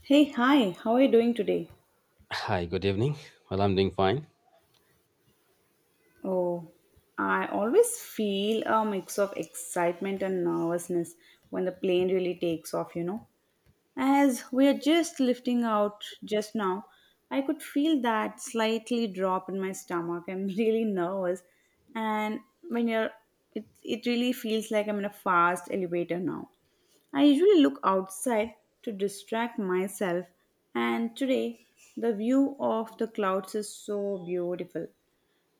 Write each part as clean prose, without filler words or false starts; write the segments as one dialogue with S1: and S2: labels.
S1: Hey, hi, how are you doing today?
S2: Hi, good evening. Well, I'm doing fine.
S1: Oh, I always feel a mix of excitement and nervousness when the plane really takes off, you know. As we are just lifting out just now, I could feel that slightly drop in my stomach. I'm really nervous, and when you're, it really feels like I'm in a fast elevator now. I usually look outside to distract myself, and today the view of the clouds is so beautiful.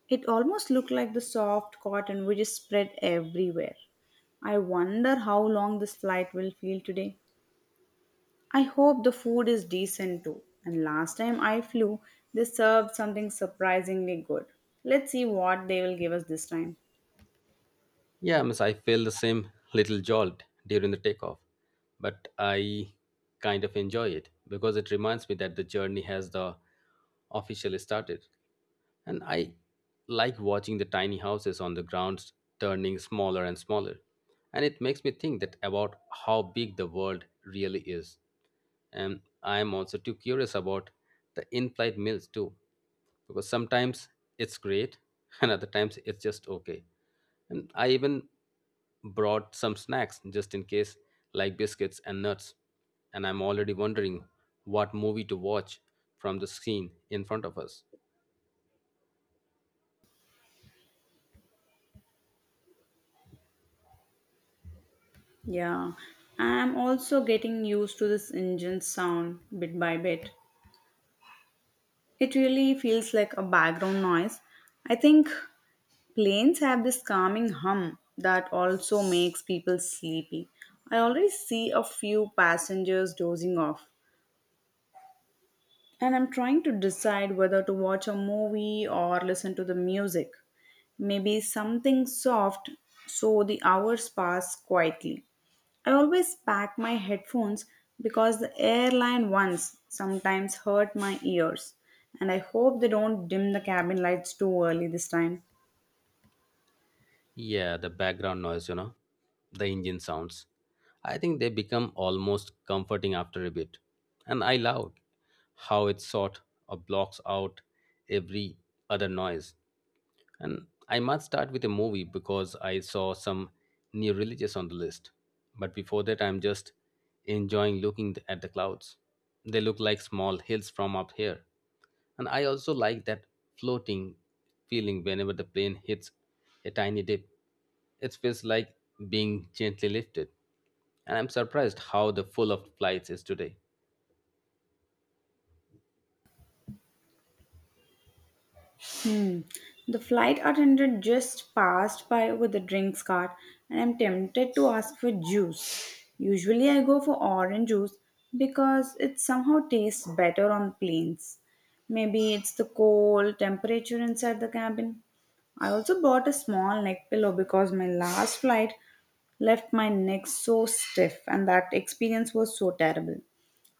S1: It almost looked like the soft cotton which is spread everywhere. I wonder how long this flight will feel today. I hope the food is decent too. And last time I flew, they served something surprisingly good. Let's see what they will give us this time.
S2: Yeah, miss, I feel the same little jolt during the takeoff, but I kind of enjoy it because it reminds me that the journey has the officially started. And I like watching the tiny houses on the grounds turning smaller and smaller. And it makes me think that about how big the world really is. And I am also too curious about the in-flight meals too, because sometimes it's great and other times it's just okay, and I even brought some snacks just in case, like biscuits and nuts, and I'm already wondering what movie to watch from the screen in front of us.
S1: Yeah, I'm also getting used to this engine sound bit by bit. It really feels like a background noise. I think planes have this calming hum that also makes people sleepy. I already see a few passengers dozing off, and I'm trying to decide whether to watch a movie or listen to the music. Maybe something soft so the hours pass quietly. I always pack my headphones because the airline ones sometimes hurt my ears, and I hope they don't dim the cabin lights too early this time.
S2: Yeah, the background noise, the engine sounds, I think they become almost comforting after a bit. And I love how it sort of blocks out every other noise. And I must start with a movie because I saw some new religious on the list. But before that, I'm just enjoying looking at the clouds. They look like small hills from up here. And I also like that floating feeling whenever the plane hits a tiny dip. It feels like being gently lifted. And I'm surprised how the full of flights is today.
S1: The flight attendant just passed by with a drinks cart, and I'm tempted to ask for juice. Usually, I go for orange juice because it somehow tastes better on planes. Maybe it's the cold temperature inside the cabin. I also bought a small neck pillow because my last flight left my neck so stiff, and that experience was so terrible.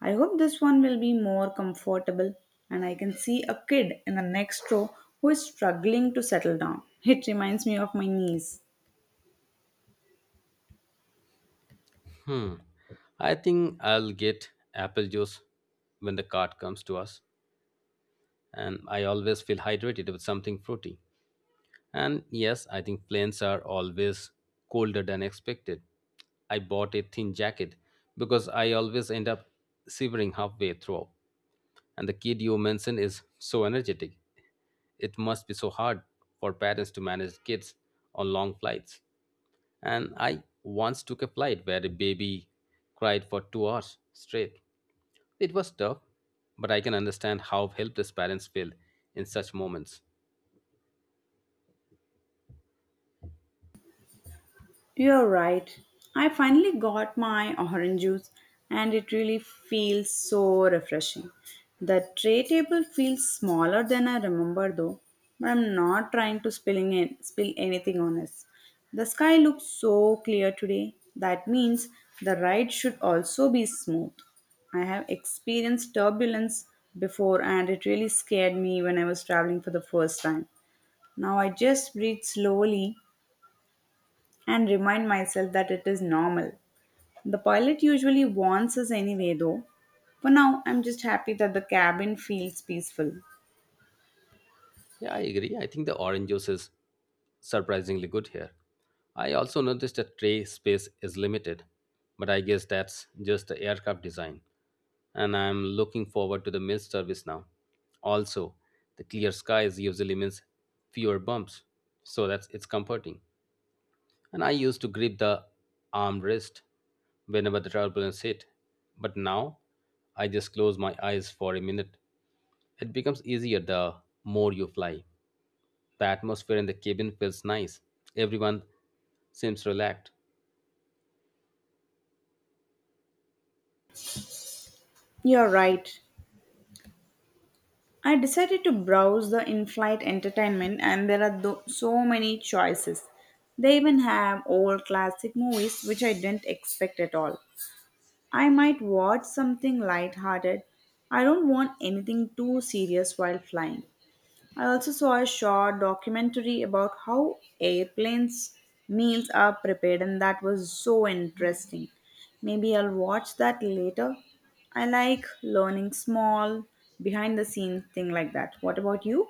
S1: I hope this one will be more comfortable and I can see a kid in the next row who is struggling to settle down. It reminds me of my niece.
S2: Hmm. I think I'll get apple juice when the cart comes to us. And I always feel hydrated with something fruity. And yes, I think planes are always colder than expected. I bought a thin jacket because I always end up shivering halfway through. And the kid you mentioned is so energetic. It must be so hard for parents to manage kids on long flights. And I once took a flight where a baby cried for 2 hours straight. It was tough, but I can understand how helpless parents feel in such moments.
S1: You're right. I finally got my orange juice and it really feels so refreshing. The tray table feels smaller than I remember though, but I'm not trying to spill anything on us. The sky looks so clear today. That means the ride should also be smooth. I have experienced turbulence before and it really scared me when I was traveling for the first time. Now I just breathe slowly and remind myself that it is normal. The pilot usually warns us anyway, though. For now, I'm just happy that the cabin feels peaceful.
S2: Yeah, I agree. I think the orange juice is surprisingly good here. I also noticed that tray space is limited, but I guess that's just the aircraft design. And I'm looking forward to the meal service now. Also, the clear skies usually means fewer bumps, so that's it's comforting. And I used to grip the armrest whenever the turbulence hit, but now I just close my eyes for a minute. It becomes easier the more you fly. The atmosphere in the cabin feels nice. Everyone seems relaxed.
S1: You're right. I decided to browse the in flight entertainment, and there are so many choices. They even have old classic movies, which I didn't expect at all. I might watch something lighthearted. I don't want anything too serious while flying. I also saw a short documentary about how airplanes' meals are prepared, and that was so interesting. Maybe I'll watch that later. I like learning small, behind the scenes thing like that. What about you?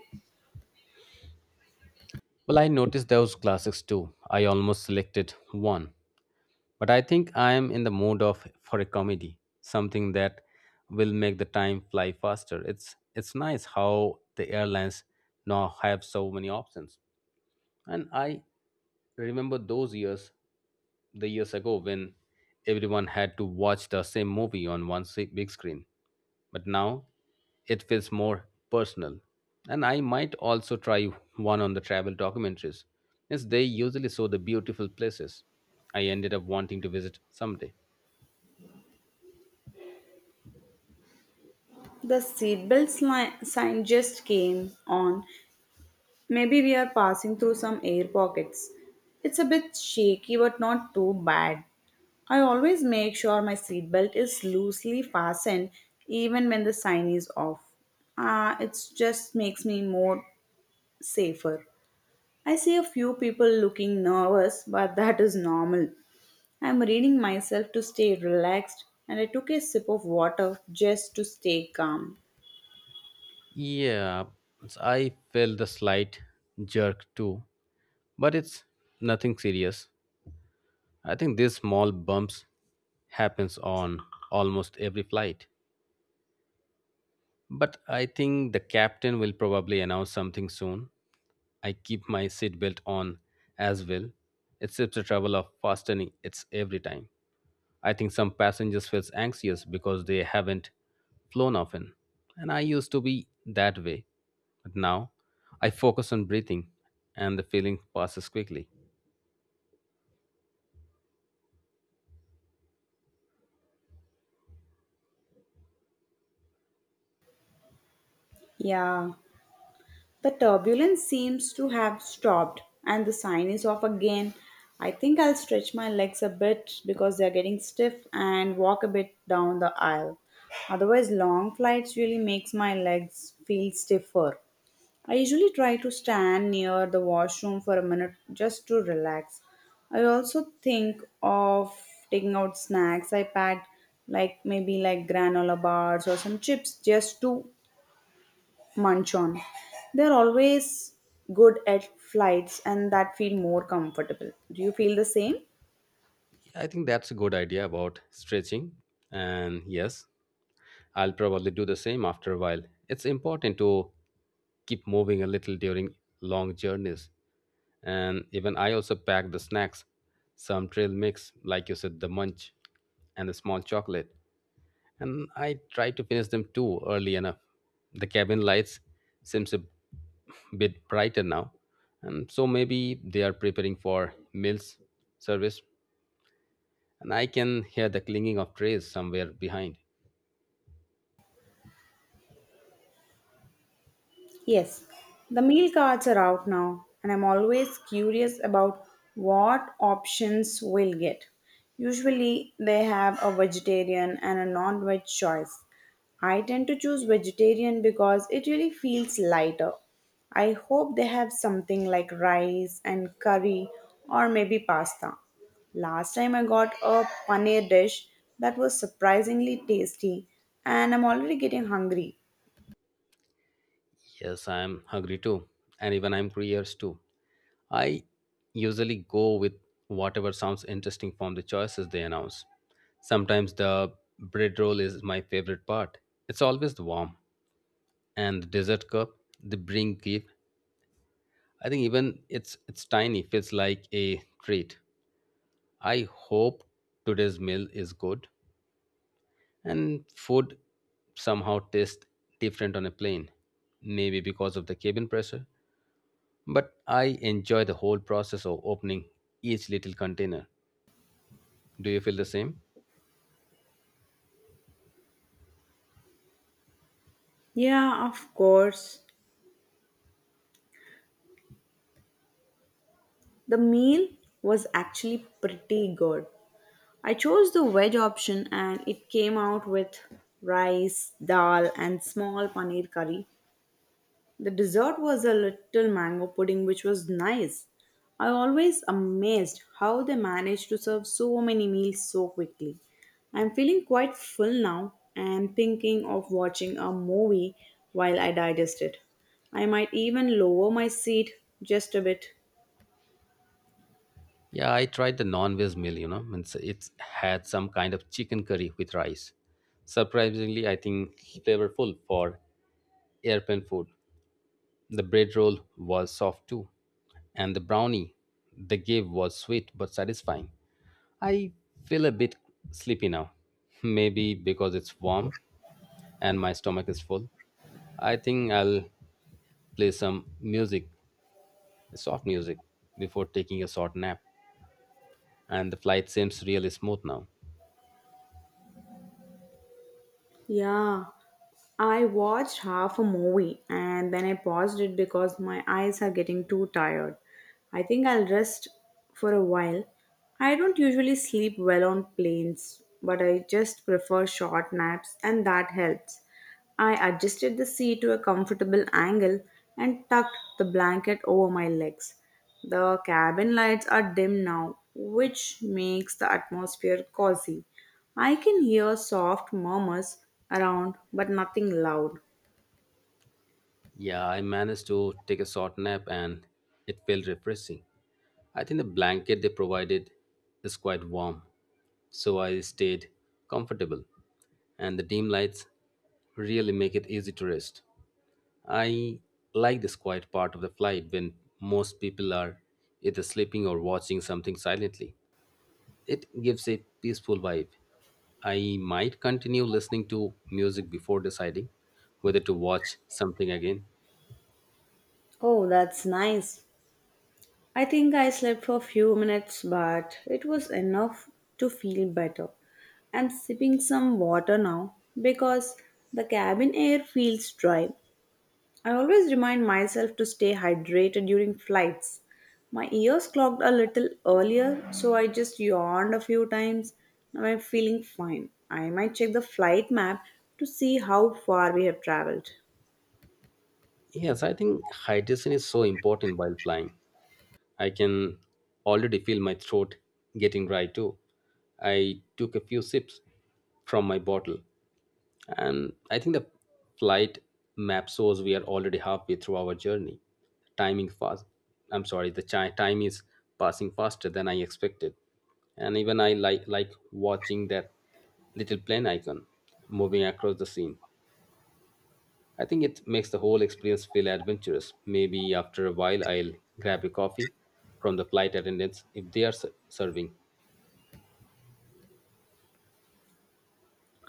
S2: Well, I noticed those classics too. I almost selected one, but I think I am in the mood of for a comedy, something that will make the time fly faster. It's nice how the airlines now have so many options, and I remember those years the years ago when everyone had to watch the same movie on one big screen. But now it feels more personal. And I might also try one on the travel documentaries, as they usually show the beautiful places I ended up wanting to visit someday.
S1: The sign just came on. Maybe we are passing through some air pockets. It's a bit shaky but not too bad. I always make sure my seatbelt is loosely fastened even when the sign is off. It just makes me more safer. I see a few people looking nervous, but that is normal. I'm reading myself to stay relaxed and I took a sip of water just to stay calm.
S2: Yeah, I felt the slight jerk too, but it's nothing serious. I think these small bumps happens on almost every flight. But I think the captain will probably announce something soon. I keep my seatbelt on as well. It saves the trouble of fastening it's every time. I think some passengers feel anxious because they haven't flown often. And I used to be that way. But now I focus on breathing and the feeling passes quickly.
S1: Yeah. The turbulence seems to have stopped and the sign is off again. I think I'll stretch my legs a bit because they're getting stiff and walk a bit down the aisle. Otherwise long flights really makes my legs feel stiffer. I usually try to stand near the washroom for a minute just to relax. I also think of taking out snacks I packed like maybe granola bars or some chips just to munch on. They're always good at flights and that feel more comfortable. Do you feel the same?
S2: I think that's a good idea about stretching. And yes, I'll probably do the same after a while. It's important to keep moving a little during long journeys. And even I also pack the snacks, some trail mix, like you said, the munch and the small chocolate. And I try to finish them too early enough. The cabin lights seems a bit brighter now. And so maybe they are preparing for meals service. And I can hear the clinging of trays somewhere behind.
S1: Yes, the meal cards are out now, and I'm always curious about what options we'll get. Usually, they have a vegetarian and a non veg choice. I tend to choose vegetarian because it really feels lighter. I hope they have something like rice and curry or maybe pasta. Last time I got a paneer dish that was surprisingly tasty, and I'm already getting hungry.
S2: Yes, I'm hungry too, and even I'm curious too. I usually go with whatever sounds interesting from the choices they announce. Sometimes the bread roll is my favorite part. It's always the warm and the dessert cup they bring give. I think even it's tiny feels like a treat. I hope today's meal is good and food somehow tastes different on a plane. Maybe because of the cabin pressure. But I enjoy the whole process of opening each little container. Do you feel the same?
S1: Yeah, of course. The meal was actually pretty good. I chose the veg option and it came out with rice, dal, and small paneer curry. The dessert was a little mango pudding, which was nice. I always amazed how they managed to serve so many meals so quickly. I'm feeling quite full now and thinking of watching a movie while I digest it. I might even lower my seat just a bit.
S2: Yeah, I tried the non-veg meal, you know, it's had some kind of chicken curry with rice. Surprisingly, I think flavorful for airplane food. The bread roll was soft too, and the brownie they gave was sweet but satisfying. I feel a bit sleepy now, maybe because it's warm and my stomach is full. I think I'll play some music, the soft music before taking a short nap, and the flight seems really smooth now.
S1: Yeah, I watched half a movie and then I paused it because my eyes are getting too tired. I think I'll rest for a while. I don't usually sleep well on planes, but I just prefer short naps and that helps. I adjusted the seat to a comfortable angle and tucked the blanket over my legs. The cabin lights are dim now, which makes the atmosphere cozy. I can hear soft murmurs around, but nothing loud.
S2: Yeah, I managed to take a short nap and it felt refreshing. I think the blanket they provided is quite warm, so I stayed comfortable, and the dim lights really make it easy to rest. I like this quiet part of the flight when most people are either sleeping or watching something silently. It gives a peaceful vibe. I might continue listening to music before deciding whether to watch something again.
S1: Oh, that's nice. I think I slept for a few minutes, but it was enough to feel better. I'm sipping some water now because the cabin air feels dry. I always remind myself to stay hydrated during flights. My ears clogged a little earlier, so I just yawned a few times. Now I'm feeling fine. I might check the flight map to see how far we have traveled.
S2: Yes, I think hydration is so important while flying. I can already feel my throat getting dry too. I took a few sips from my bottle. And I think the flight map shows we are already halfway through our journey. Timing fast. I'm sorry, the time is passing faster than I expected. And even I like watching that little plane icon moving across the scene. I think it makes the whole experience feel adventurous. Maybe after a while I'll grab a coffee from the flight attendants if they are serving.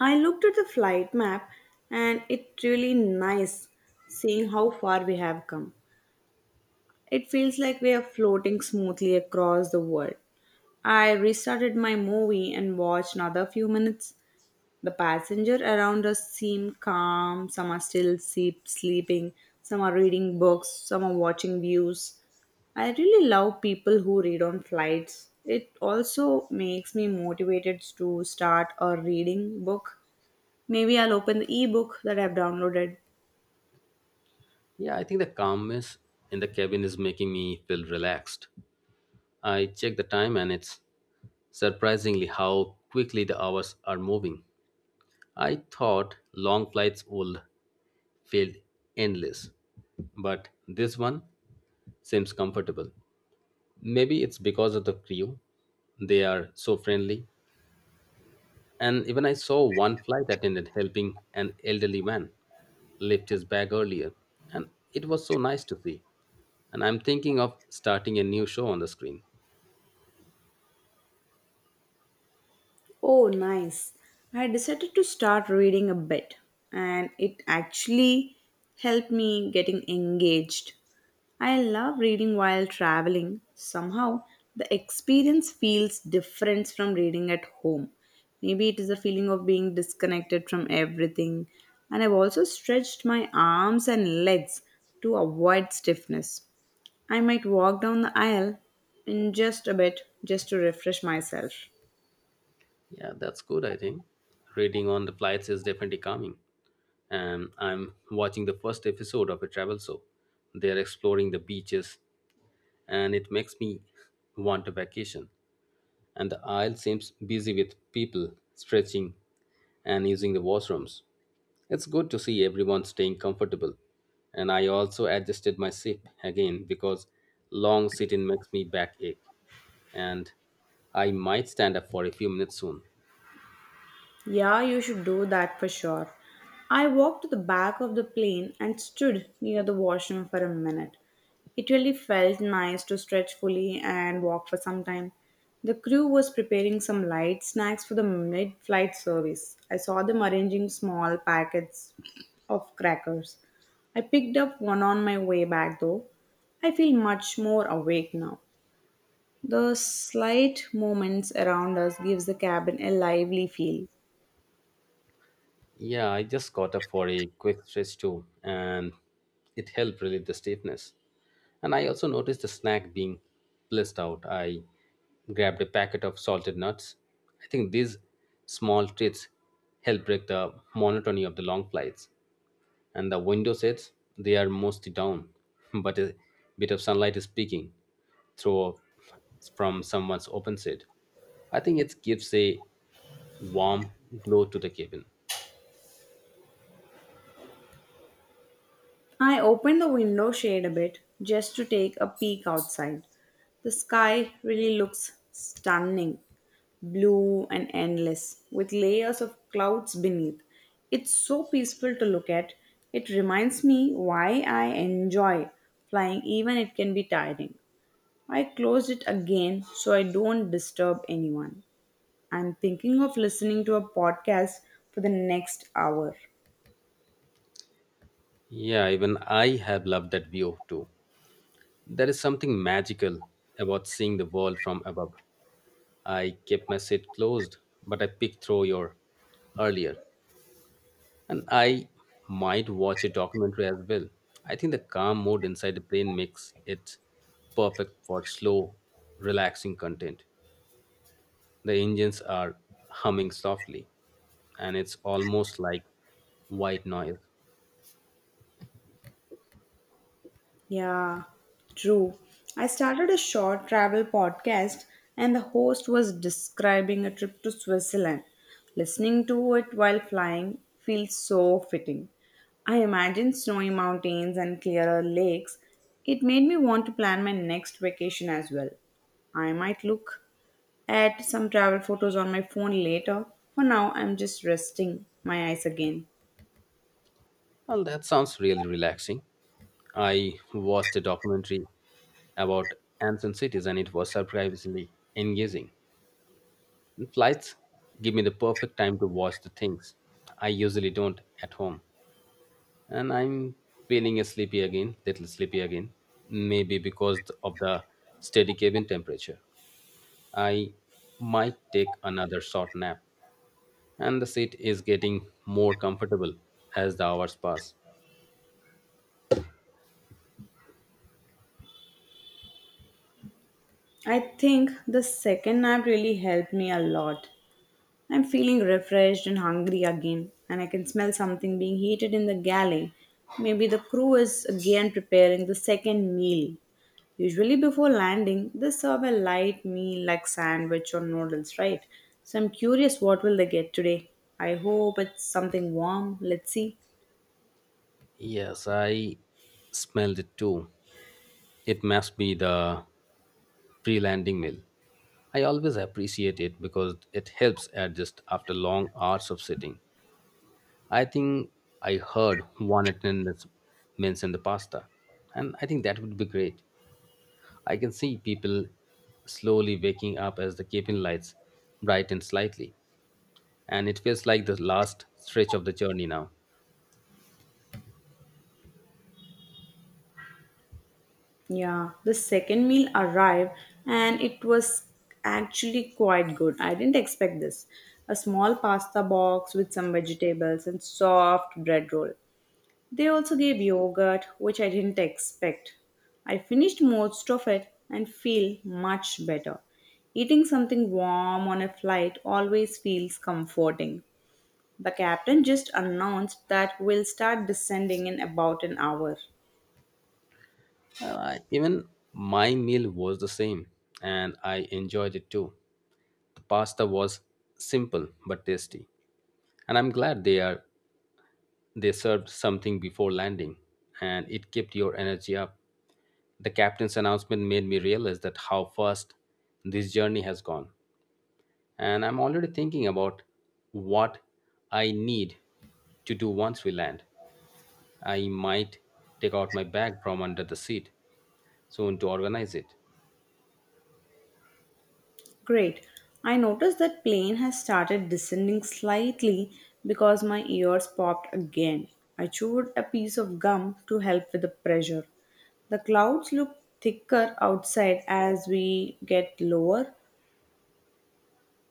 S1: I looked at the flight map and it's really nice seeing how far we have come. It feels like we are floating smoothly across the world. I restarted my movie and watched another few minutes. The passenger around us seem calm, some are sleeping, some are reading books, some are watching views. I really love people who read on flights. It also makes me motivated to start a reading book. Maybe I'll open the ebook that I've downloaded.
S2: Yeah, I think the calmness in the cabin is making me feel relaxed. I check the time and it's surprisingly, how quickly the hours are moving. I thought long flights would feel endless, but this one seems comfortable. Maybe it's because of the crew. They are so friendly. And even I saw one flight attendant helping an elderly man lift his bag earlier, and it was so nice to see. And I'm thinking of starting a new show on the screen.
S1: Oh, nice. I decided to start reading a bit, and it actually helped me getting engaged. I love reading while traveling. Somehow, the experience feels different from reading at home. Maybe it is the feeling of being disconnected from everything. And I've also stretched my arms and legs to avoid stiffness. I might walk down the aisle in just a bit just to refresh myself.
S2: Yeah, that's good, I think. Reading on the flights is definitely calming. And I'm watching the first episode of a travel show. They're exploring the beaches, and it makes me want a vacation. And the aisle seems busy with people stretching and using the washrooms. It's good to see everyone staying comfortable. And I also adjusted my seat again because long sitting makes me backache. And I might stand up for a few minutes soon.
S1: Yeah, you should do that for sure. I walked to the back of the plane and stood near the washroom for a minute. It really felt nice to stretch fully and walk for some time. The crew was preparing some light snacks for the mid flight service. I saw them arranging small packets of crackers. I picked up one on my way back though. I feel much more awake now. The slight movements around us gives the cabin a lively feel.
S2: Yeah, I just got up for a quick stretch too, and it helped relieve the stiffness. And I also noticed the snack being blissed out. I grabbed a packet of salted nuts. I think these small treats help break the monotony of the long flights. And the window sits, they are mostly down, but a bit of sunlight is peeking through from someone's open seat. I think it gives a warm glow to the cabin.
S1: I opened the window shade a bit just to take a peek outside. The sky really looks stunning blue and endless, with layers of clouds beneath. It's so peaceful to look at. It reminds me why I enjoy flying, even it can be tiring. I closed it again so I don't disturb anyone. I'm thinking of listening to a podcast for the next hour.
S2: Yeah, even I have loved that view too. There is something magical about seeing the world from above. I kept my seat closed, but I picked through your earlier, and I might watch a documentary as well. I think the calm mode inside the plane makes it perfect for slow, relaxing content. The engines are humming softly, and it's almost like white noise.
S1: Yeah, true. I started a short travel podcast, and the host was describing a trip to Switzerland. Listening to it while flying feels so fitting. I imagine snowy mountains and clearer lakes. It made me want to plan my next vacation as well. I might look at some travel photos on my phone later. For now, I'm just resting my eyes again.
S2: Well, that sounds really relaxing. I watched a documentary about ancient cities and it was surprisingly engaging. And flights give me the perfect time to watch the things I usually don't at home. And I'm feeling little sleepy again, maybe because of the steady cabin temperature. I might take another short nap. And the seat is getting more comfortable as the hours pass.
S1: I think the second nap really helped me a lot. I'm feeling refreshed and hungry again, and I can smell something being heated in the galley. Maybe the crew is again preparing the second meal. Usually, before landing, they serve a light meal like sandwich or noodles, right? So, I'm curious what will they get today. I hope it's something warm. Let's see.
S2: Yes, I smelled it too. It must be the pre landing meal. I always appreciate it because it helps adjust after long hours of sitting. I think I heard one attendant mention the pasta, and I think that would be great. I can see people slowly waking up as the cabin lights brighten slightly, and it feels like the last stretch of the journey now.
S1: Yeah, the second meal arrived and it was actually quite good. I didn't expect this. A small pasta box with some vegetables and soft bread roll. They also gave yogurt, which I didn't expect. I finished most of it and feel much better. Eating something warm on a flight always feels comforting. The captain just announced that we'll start descending in about an hour.
S2: Even my meal was the same, and I enjoyed it too. The pasta was simple but tasty, and I'm glad they served something before landing, and it kept your energy up. The captain's announcement made me realize that how fast this journey has gone, and I'm already thinking about what I need to do once we land. I might take out my bag from under the seat soon to organize it.
S1: Great. I noticed that plane has started descending slightly because my ears popped again. I chewed a piece of gum to help with the pressure. The clouds look thicker outside as we get lower.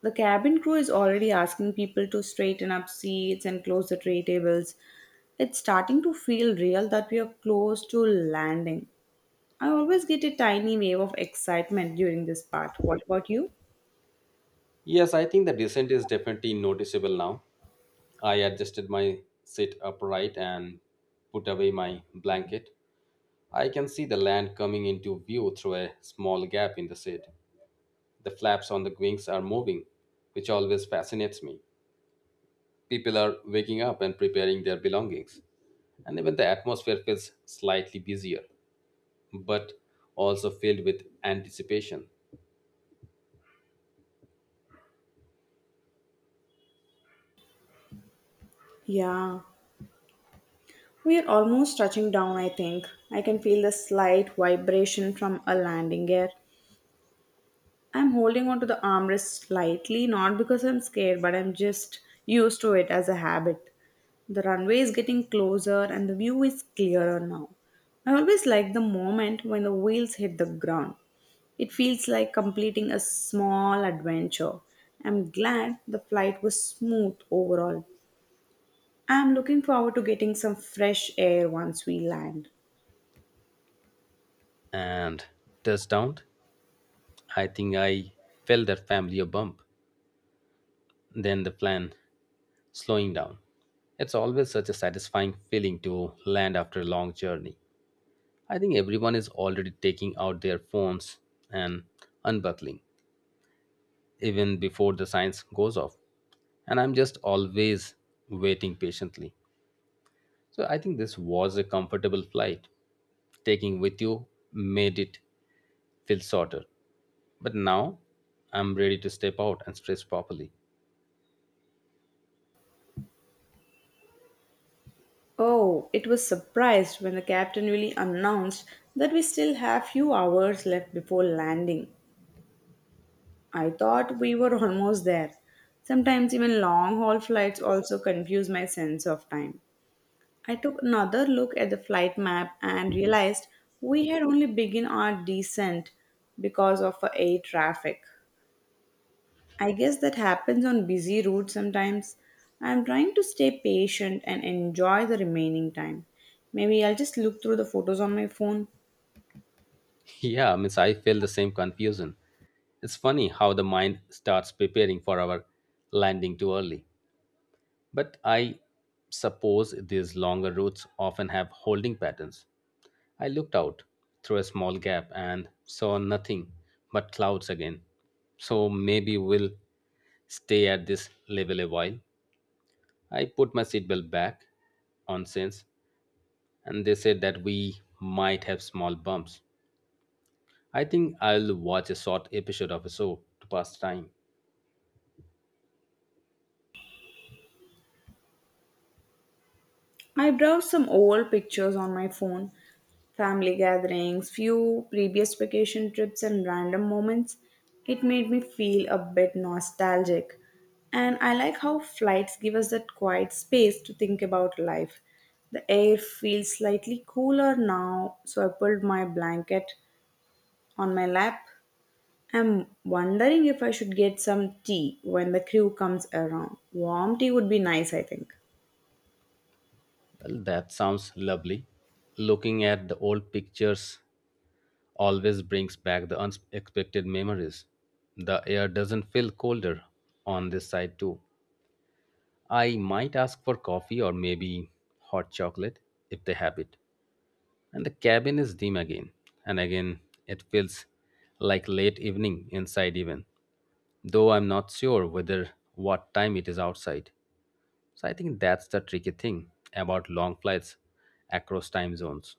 S1: The cabin crew is already asking people to straighten up seats and close the tray tables. It's starting to feel real that we are close to landing. I always get a tiny wave of excitement during this part. What about you?
S2: Yes, I think the descent is definitely noticeable now. I adjusted my sit upright and put away my blanket. I can see the land coming into view through a small gap in the seat. The flaps on the wings are moving, which always fascinates me. People are waking up and preparing their belongings. And even the atmosphere feels slightly busier, but also filled with anticipation.
S1: Yeah. We are almost touching down, I think. I can feel the slight vibration from a landing gear. I'm holding onto the armrest slightly, not because I'm scared, but I'm just used to it as a habit. The runway is getting closer and the view is clearer now. I always like the moment when the wheels hit the ground. It feels like completing a small adventure. I'm glad the flight was smooth overall. I'm looking forward to getting some fresh air once we land.
S2: And touchdown, I think I felt that familiar bump than the plan slowing down. It's always such a satisfying feeling to land after a long journey. I think everyone is already taking out their phones and unbuckling, even before the science goes off. And I'm just always waiting patiently. So I think this was a comfortable flight. Taking with you made it feel shorter. But now I'm ready to step out and stretch properly.
S1: Oh, it was surprised when the captain really announced that we still have few hours left before landing. I thought we were almost there. Sometimes even long haul flights also confuse my sense of time. I took another look at the flight map and realized we had only begun our descent because of a air traffic. I guess that happens on busy routes sometimes. I'm trying to stay patient and enjoy the remaining time. Maybe I'll just look through the photos on my phone.
S2: Yeah, I means I feel the same confusion. It's funny how the mind starts preparing for our landing too early. But I suppose these longer routes often have holding patterns. I looked out through a small gap and saw nothing but clouds again. So maybe we'll stay at this level a while. I put my seatbelt back on since, and they said that we might have small bumps. I think I'll watch a short episode of a show to pass time.
S1: I browsed some old pictures on my phone, family gatherings, few previous vacation trips, and random moments. It made me feel a bit nostalgic. And I like how flights give us that quiet space to think about life. The air feels slightly cooler now, so I pulled my blanket on my lap. I'm wondering if I should get some tea when the crew comes around. Warm tea would be nice, I think.
S2: Well, that sounds lovely. Looking at the old pictures always brings back the unexpected memories. The air doesn't feel colder on this side, too. I might ask for coffee or maybe hot chocolate if they have it. And the cabin is dim again. And again, it feels like late evening inside, even though I'm not sure whether what time it is outside. So I think that's the tricky thing about long flights across time zones.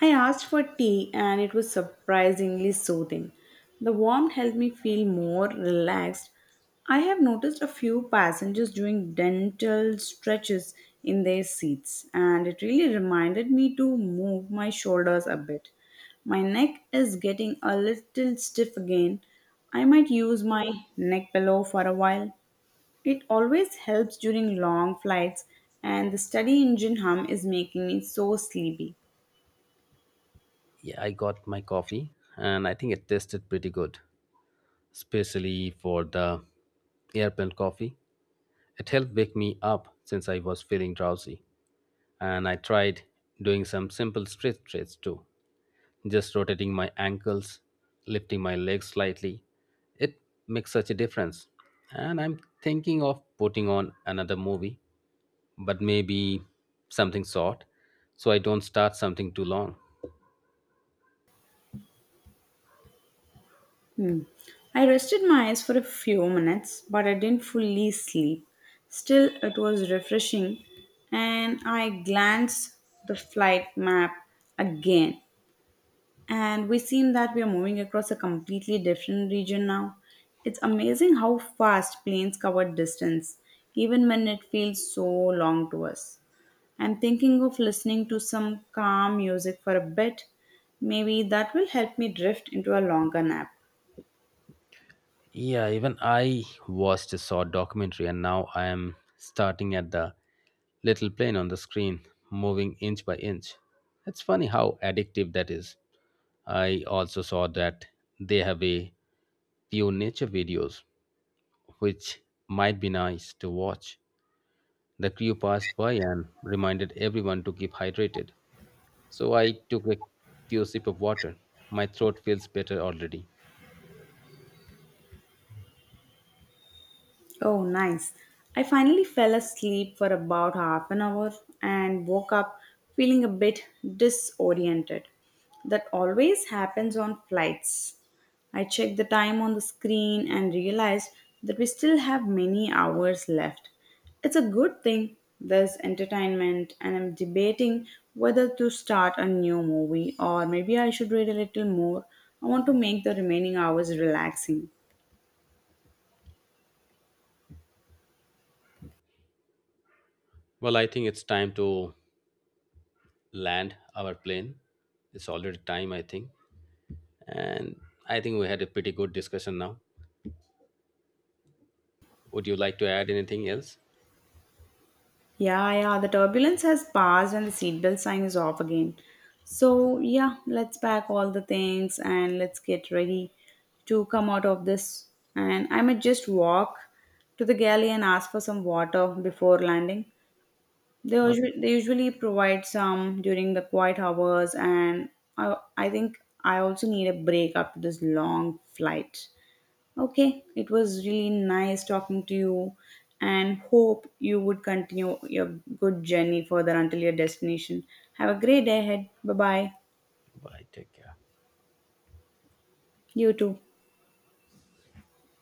S1: I asked for tea and it was surprisingly soothing. The warmth helped me feel more relaxed. I have noticed a few passengers doing dental stretches in their seats, and it really reminded me to move my shoulders a bit. My neck is getting a little stiff again. I might use my neck pillow for a while. It always helps during long flights, and the study engine hum is making me so sleepy.
S2: Yeah, I got my coffee and I think it tasted pretty good, especially for the airplane coffee. It helped wake me up since I was feeling drowsy. And I tried doing some simple stretches too, just rotating my ankles, lifting my legs slightly. It makes such a difference. And I'm thinking of putting on another movie but maybe something short so I don't start something too long.
S1: Hmm. I rested my eyes for a few minutes, but I didn't fully sleep. Still, it was refreshing, and I glanced the flight map again, and we seem that we are moving across a completely different region now. It's amazing how fast planes cover distance, even when it feels so long to us. I'm thinking of listening to some calm music for a bit. Maybe that will help me drift into a longer nap.
S2: Yeah, even I watched a short documentary and now I am starting at the little plane on the screen, moving inch by inch. It's funny how addictive that is. I also saw that they have a few nature videos, which might be nice to watch. The crew passed by and reminded everyone to keep hydrated. So I took a few sip of water. My throat feels better already.
S1: Oh, nice. I finally fell asleep for about half an hour and woke up feeling a bit disoriented. That always happens on flights. I checked the time on the screen and realized that we still have many hours left. It's a good thing there's entertainment, and I'm debating whether to start a new movie or maybe I should read a little more. I want to make the remaining hours relaxing.
S2: Well, I think it's time to land our plane. It's already time, I think. And I think we had a pretty good discussion now. Would you like to add anything else?
S1: Yeah, yeah, the turbulence has passed and the seatbelt sign is off again. So, yeah, let's pack all the things and let's get ready to come out of this. And I might just walk to the galley and ask for some water before landing. They
S2: Okay,
S1: usually, they usually provide some during the quiet hours, and I think I also need a break after this long flight. Okay, it was really nice talking to you and hope you would continue your good journey further until your destination. Have a great day ahead. Bye bye.
S2: bye. Take care.
S1: You too.